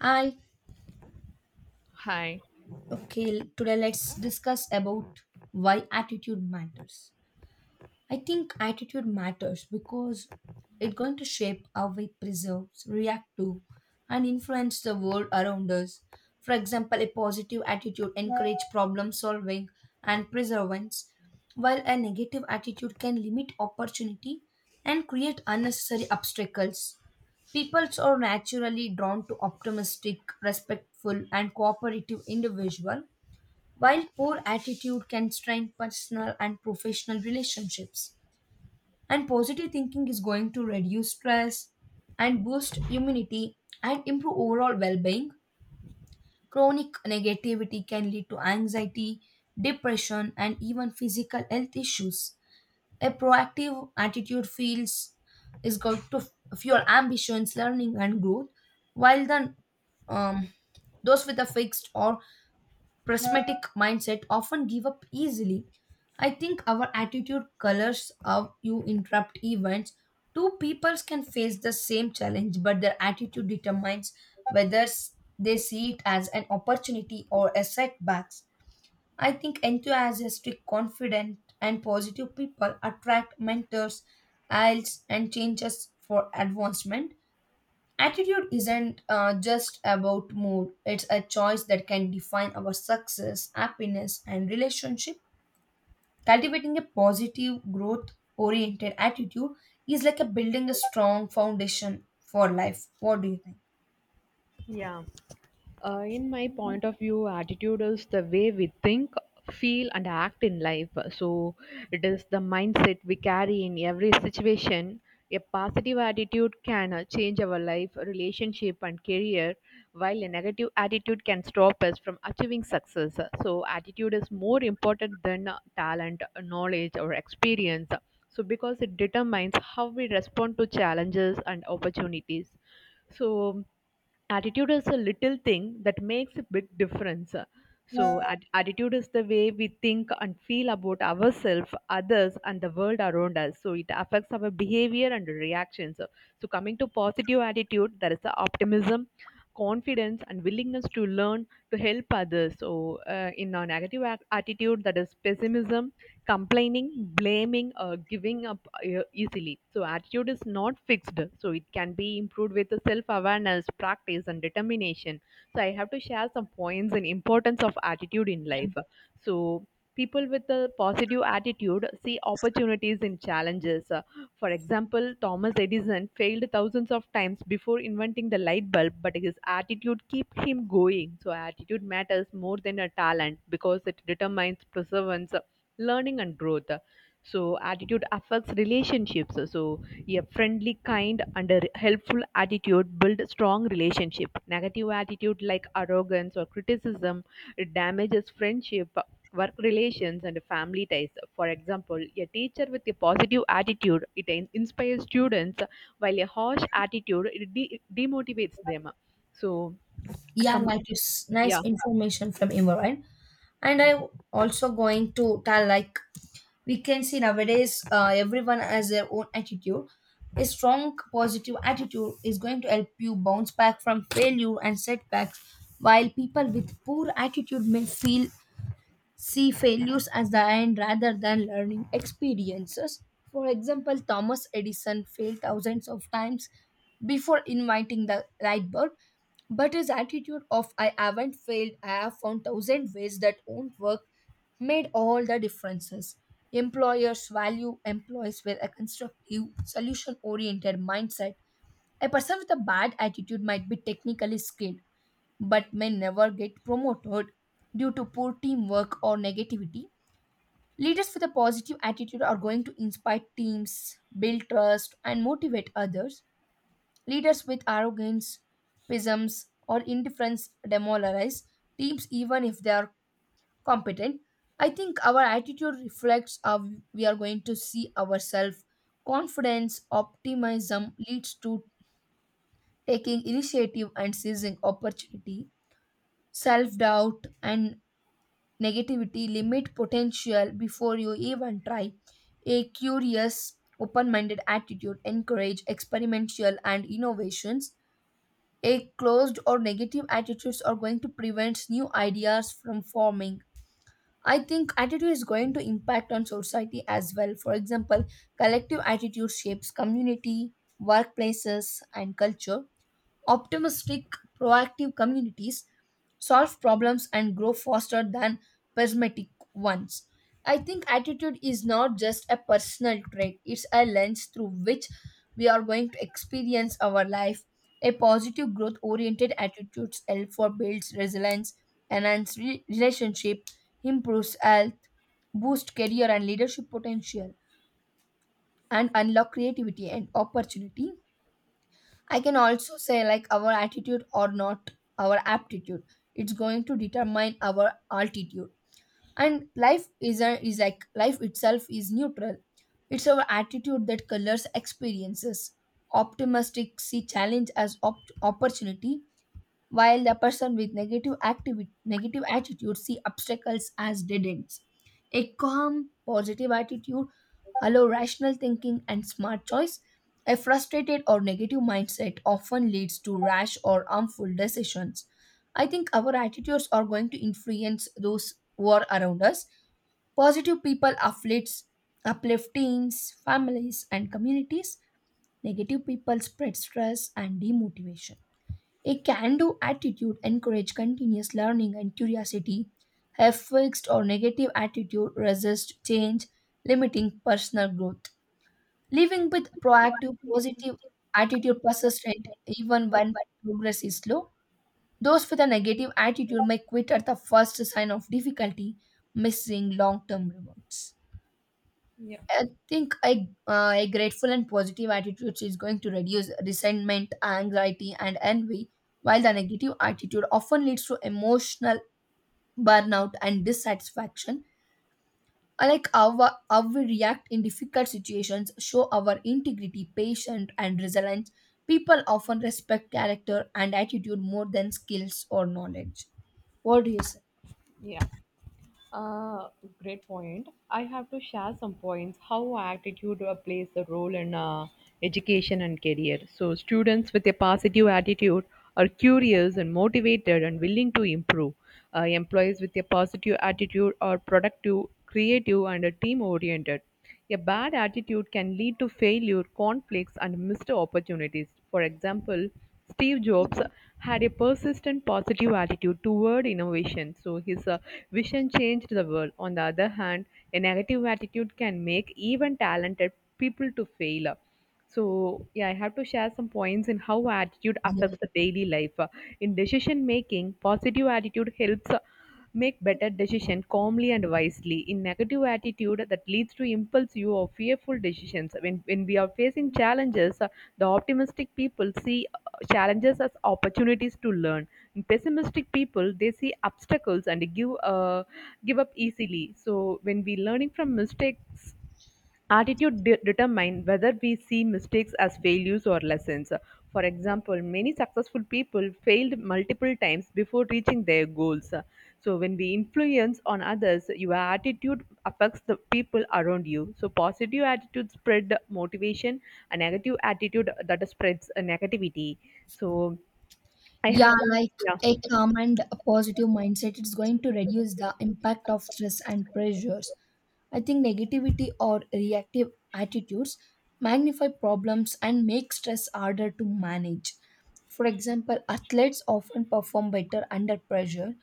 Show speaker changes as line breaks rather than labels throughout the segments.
Hi.
Hi.
Okay, today let's discuss about why attitude matters. I think attitude matters because it's going to shape how we preserve, react to, and influence the world around us. For example, a positive attitude encourages problem solving and perseverance, while a negative attitude can limit opportunity and create unnecessary obstacles. Peoples are naturally drawn to optimistic, respectful, and cooperative individual, while poor attitude can strain personal and professional relationships. And positive thinking is going to reduce stress and boost immunity and improve overall well being. Chronic negativity can lead to anxiety, depression, and even physical health issues. A proactive attitude feels is going to fuel ambitions, learning, and growth, while the um, those with a fixed or prismatic mindset often give up easily. I think our attitude colors how you interrupt events. Two peoples can face the same challenge, but their attitude determines whether they see it as an opportunity or a setback. I think enthusiastic, confident, and positive people attract mentors, allies, and changes for advancement. Attitude isn't just about mood, it's a choice that can define our success, happiness, and relationship. Cultivating a positive, growth oriented attitude is like a building a strong foundation for life. What do you think?
Yeah. In my point of view, attitude is the way we think, feel, and act in life. So, it is the mindset we carry in every situation. A positive attitude can change our life, relationship, and career, while a negative attitude can stop us from achieving success. So, attitude is more important than talent, knowledge, or experience, So, because it determines how we respond to challenges and opportunities. So, attitude is a little thing that makes a big difference. So attitude is the way we think and feel about ourselves, others, and the world around us, so it affects our behavior and reactions. So, coming to positive attitude, there is the optimism, confidence, and willingness to learn to help others. So in our negative attitude, that is pessimism, complaining, blaming, giving up easily. So, attitude is not fixed. So, it can be improved with self awareness, practice, and determination. So, I have to share some points and importance of attitude in life. So, people with a positive attitude see opportunities in challenges. For example, Thomas Edison failed thousands of times before inventing the light bulb, but his attitude kept him going. So, attitude matters more than a talent because it determines perseverance, learning, and growth. So attitude affects relationships. So a friendly, kind, and a helpful attitude build strong relationship. Negative attitude like arrogance or criticism, it damages friendship, work relations, and family ties. For example, a teacher with a positive attitude, it inspires students, while a harsh attitude, it demotivates them. So
Yeah,
come,
like it's nice
yeah,
information from Imran. And I also going to tell like we can see nowadays everyone has their own attitude. A strong positive attitude is going to help you bounce back from failure and setbacks, while people with poor attitude may feel see failures as the end rather than learning experiences. For example, Thomas Edison failed thousands of times before inventing the light bulb, but his attitude of I haven't failed, I have found thousand ways that won't work made all the differences. Employers value employees with a constructive, solution oriented mindset. A person with a bad attitude might be technically skilled, but may never get promoted due to poor teamwork or negativity. Leaders with a positive attitude are going to inspire teams, build trust, and motivate others. Leaders with arrogance, pessimism, or indifference demoralize teams even if they are competent. I think our attitude reflects how we are going to see ourselves. Confidence, optimism leads to taking initiative and seizing opportunity. Self doubt and negativity, limit potential before you even try. A curious, open minded attitude, encourage experimental and innovations. A closed or negative attitudes are going to prevent new ideas from forming. I think attitude is going to impact on society as well. For example, collective attitude shapes community, workplaces, and culture. Optimistic, proactive communities solve problems and grow faster than pessimistic ones. I think attitude is not just a personal trait, it's a lens through which we are going to experience our life. A positive growth oriented attitude helps for builds resilience, enhance relationship, improves health, boost career and leadership potential, and unlock creativity and opportunity. I can also say like our attitude or not our aptitude. It's going to determine our altitude. And life is a, is like life itself is neutral. It's our attitude that colors experiences. Optimistic see challenge as opportunity, while the person with negative activity negative attitude see obstacles as dead ends. A calm positive attitude allow rational thinking and smart choice. A frustrated or negative mindset often leads to rash or harmful decisions. I think our attitudes are going to influence those who are around us. Positive people uplifts uplift teams, families and communities. Negative people spread stress and demotivation. A can do attitude encourages continuous learning and curiosity. A fixed or negative attitude resists change, limiting personal growth. Living with proactive, positive attitude persistent even when progress is slow. Those with a negative attitude may quit at the first sign of difficulty, missing long term rewards. A grateful and positive attitude is going to reduce resentment, anxiety, and envy, while the negative attitude often leads to emotional burnout and dissatisfaction. I Like how we react in difficult situations, show our integrity, patience, and resilience. People often respect character and attitude more than skills or knowledge. What do you say?
yeah. Uh, Great point. I have to share some points how attitude plays a role in education and career. So, students with a positive attitude are curious and motivated and willing to improve. Employees with a positive attitude are productive, creative, and team oriented. A bad attitude can lead to failure, conflicts, and missed opportunities. For example, Steve Jobs had a persistent positive attitude toward innovation, so his vision changed the world. On the other hand, a negative attitude can make even talented people to fail. So, yeah, I have to share some points in how attitude
Yeah.
affects the daily life. In decision making, positive attitude helps make better decision calmly and wisely. In negative attitude, that leads to impulsive or fearful decisions. When we are facing challenges, the optimistic people see challenges as opportunities to learn. In pessimistic people, they see obstacles and give give up easily. So, when we learning from mistakes, attitude determines whether we see mistakes as failures or lessons. For example, many successful people failed multiple times before reaching their goals. So, when we influence on others, your attitude affects the people around you. So, positive attitude spread motivation, a negative attitude that spreads negativity. So, I have,
Yeah, like
yeah,
a calm and a positive mindset, it's going to reduce the impact of stress and pressures. I think negativity or reactive attitudes magnify problems and make stress harder to manage. For example, athletes often perform better under pressure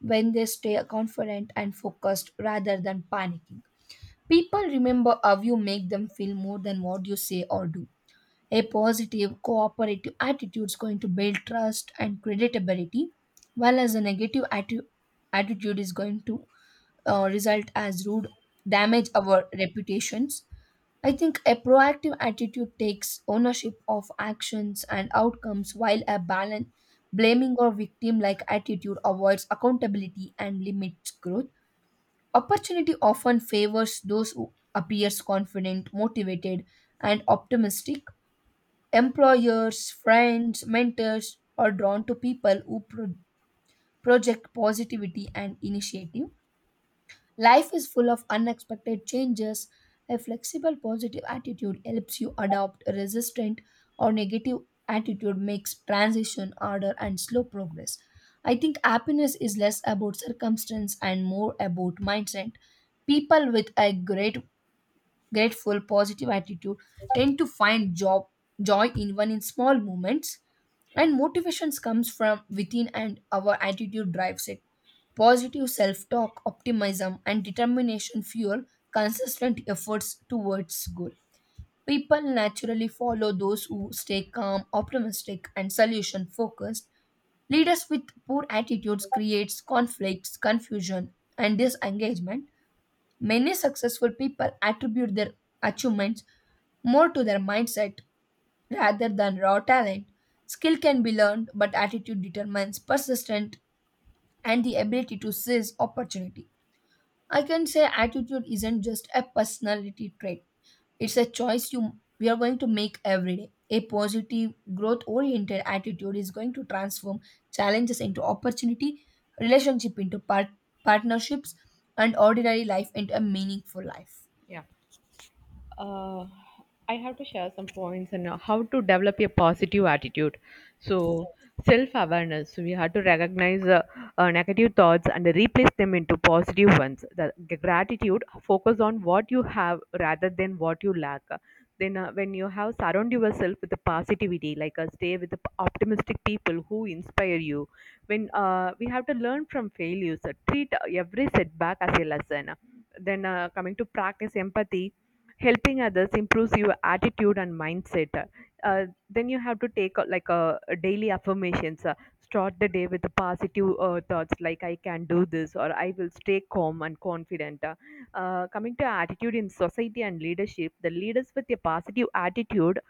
when they stay confident and focused rather than panicking. People remember how you make them feel more than what you say or do. A positive, cooperative attitude is going to build trust and creditability, while as a negative attitude is going to result as rude, damage our reputations. I think a proactive attitude takes ownership of actions and outcomes, while a balance blaming or victim-like attitude avoids accountability and limits growth. Opportunity often favors those who appears confident, motivated, and optimistic. Employers, friends, mentors are drawn to people who project positivity and initiative. Life is full of unexpected changes. A flexible positive attitude helps you adopt a resistant or negative attitude makes transition harder and slow progress. I think happiness is less about circumstance and more about mindset. People with a great grateful positive attitude tend to find job joy even in small moments. And motivations comes from within, and our attitude drives it. Positive self-talk, optimism and determination fuel consistent efforts towards goal. People naturally follow those who stay calm, optimistic and solution focused. Leaders with poor attitudes creates conflicts, confusion and disengagement. Many successful people attribute their achievements more to their mindset rather than raw talent. Skill can be learned, but attitude determines persistence and the ability to seize opportunity. I can say attitude isn't just a personality trait. It's a choice you we are going to make every day. A positive, growth oriented attitude is going to transform challenges into opportunity, relationship into partnerships, and ordinary life into a meaningful life.
yeah. uh, I have to share some points on how to develop a positive attitude. So, self awareness. So, we have to recognize negative thoughts and replace them into positive ones. The gratitude, focus on what you have rather than what you lack. Then, when you have surround yourself with the positivity, like stay with the optimistic people who inspire you. When we have to learn from failures, treat every setback as a lesson. Then, coming to practice empathy, helping others improves your attitude and mindset. Then you have to take like a daily affirmations. Start the day with the positive thoughts like I can do this or I will stay calm and confident. Coming to attitude in society and leadership, the leaders with a positive attitude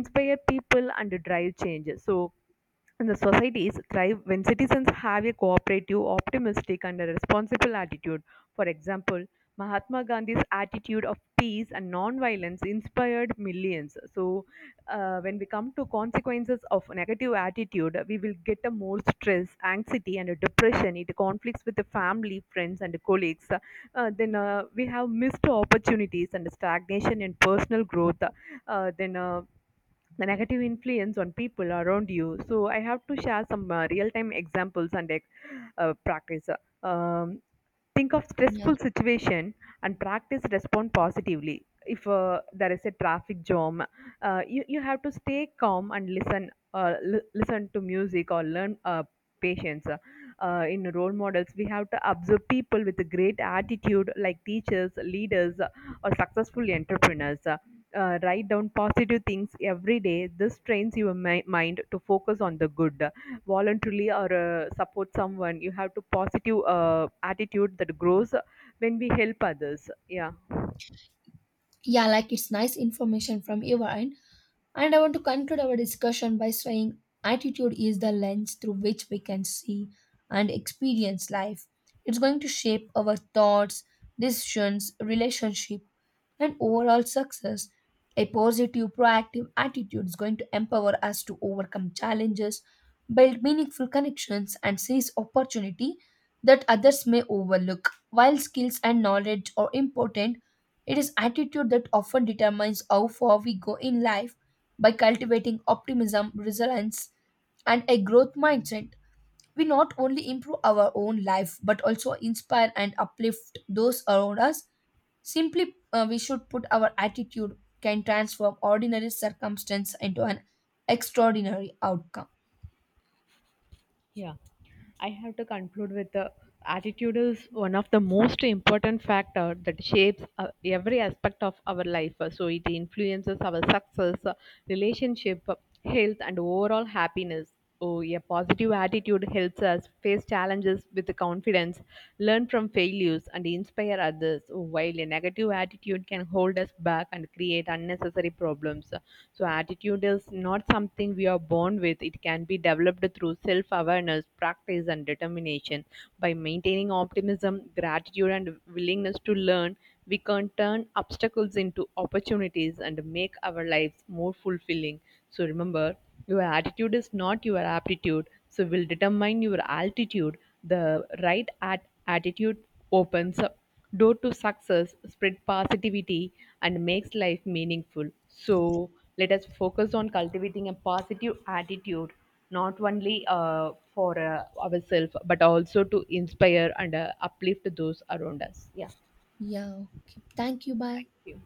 inspire people and drive change, so and the societies thrive when citizens have a cooperative, optimistic, and a responsible attitude. For example, Mahatma Gandhi's attitude of peace and non-violence inspired millions. So, when we come to consequences of negative attitude, we will get a more stress, anxiety, and a depression. It conflicts with the family, friends, and colleagues. Then We have missed opportunities and stagnation in personal growth. Uh, then uh, the negative influence on people around you. So I have to share some real-time examples and practice. Um, think of
Yeah.
stressful situation and practice respond positively. If there is a traffic jam, you have to stay calm and listen. Listen to music or learn patience. In role models, we have to observe people with a great attitude, like teachers, leaders, or successful entrepreneurs. Write down positive things every day. This trains your mind to focus on the good. Voluntarily or support someone, you have to positive attitude that grows when we help others. Yeah.
Yeah, like it's nice information from your end. And I want to conclude our discussion by saying attitude is the lens through which we can see and experience life. It's going to shape our thoughts, decisions, relationship, and overall success. A positive, proactive attitude is going to empower us to overcome challenges, build meaningful connections, and seize opportunity that others may overlook. While skills and knowledge are important, it is attitude that often determines how far we go in life. By cultivating optimism, resilience, and a growth mindset, we not only improve our own life but also inspire and uplift those around us. Simply, we should put our attitude can transform ordinary circumstance into an extraordinary outcome.
Yeah, I have to conclude with the attitude is one of the most important factor that shapes every aspect of our life. So it influences our success, relationship, health, and overall happiness. Oh, a positive attitude helps us face challenges with confidence, learn from failures, and inspire others, while a negative attitude can hold us back and create unnecessary problems. So, attitude is not something we are born with, it can be developed through self awareness, practice, and determination. By maintaining optimism, gratitude, and willingness to learn, we can turn obstacles into opportunities and make our lives more fulfilling. So, remember, your attitude is not your aptitude, so will determine your altitude. The right attitude opens up door to success, spread positivity, and makes life meaningful. So let us focus on cultivating a positive attitude, not only for ourselves, but also to inspire and uplift those around us.
Yeah. Okay. Thank you. Bye.
Thank you.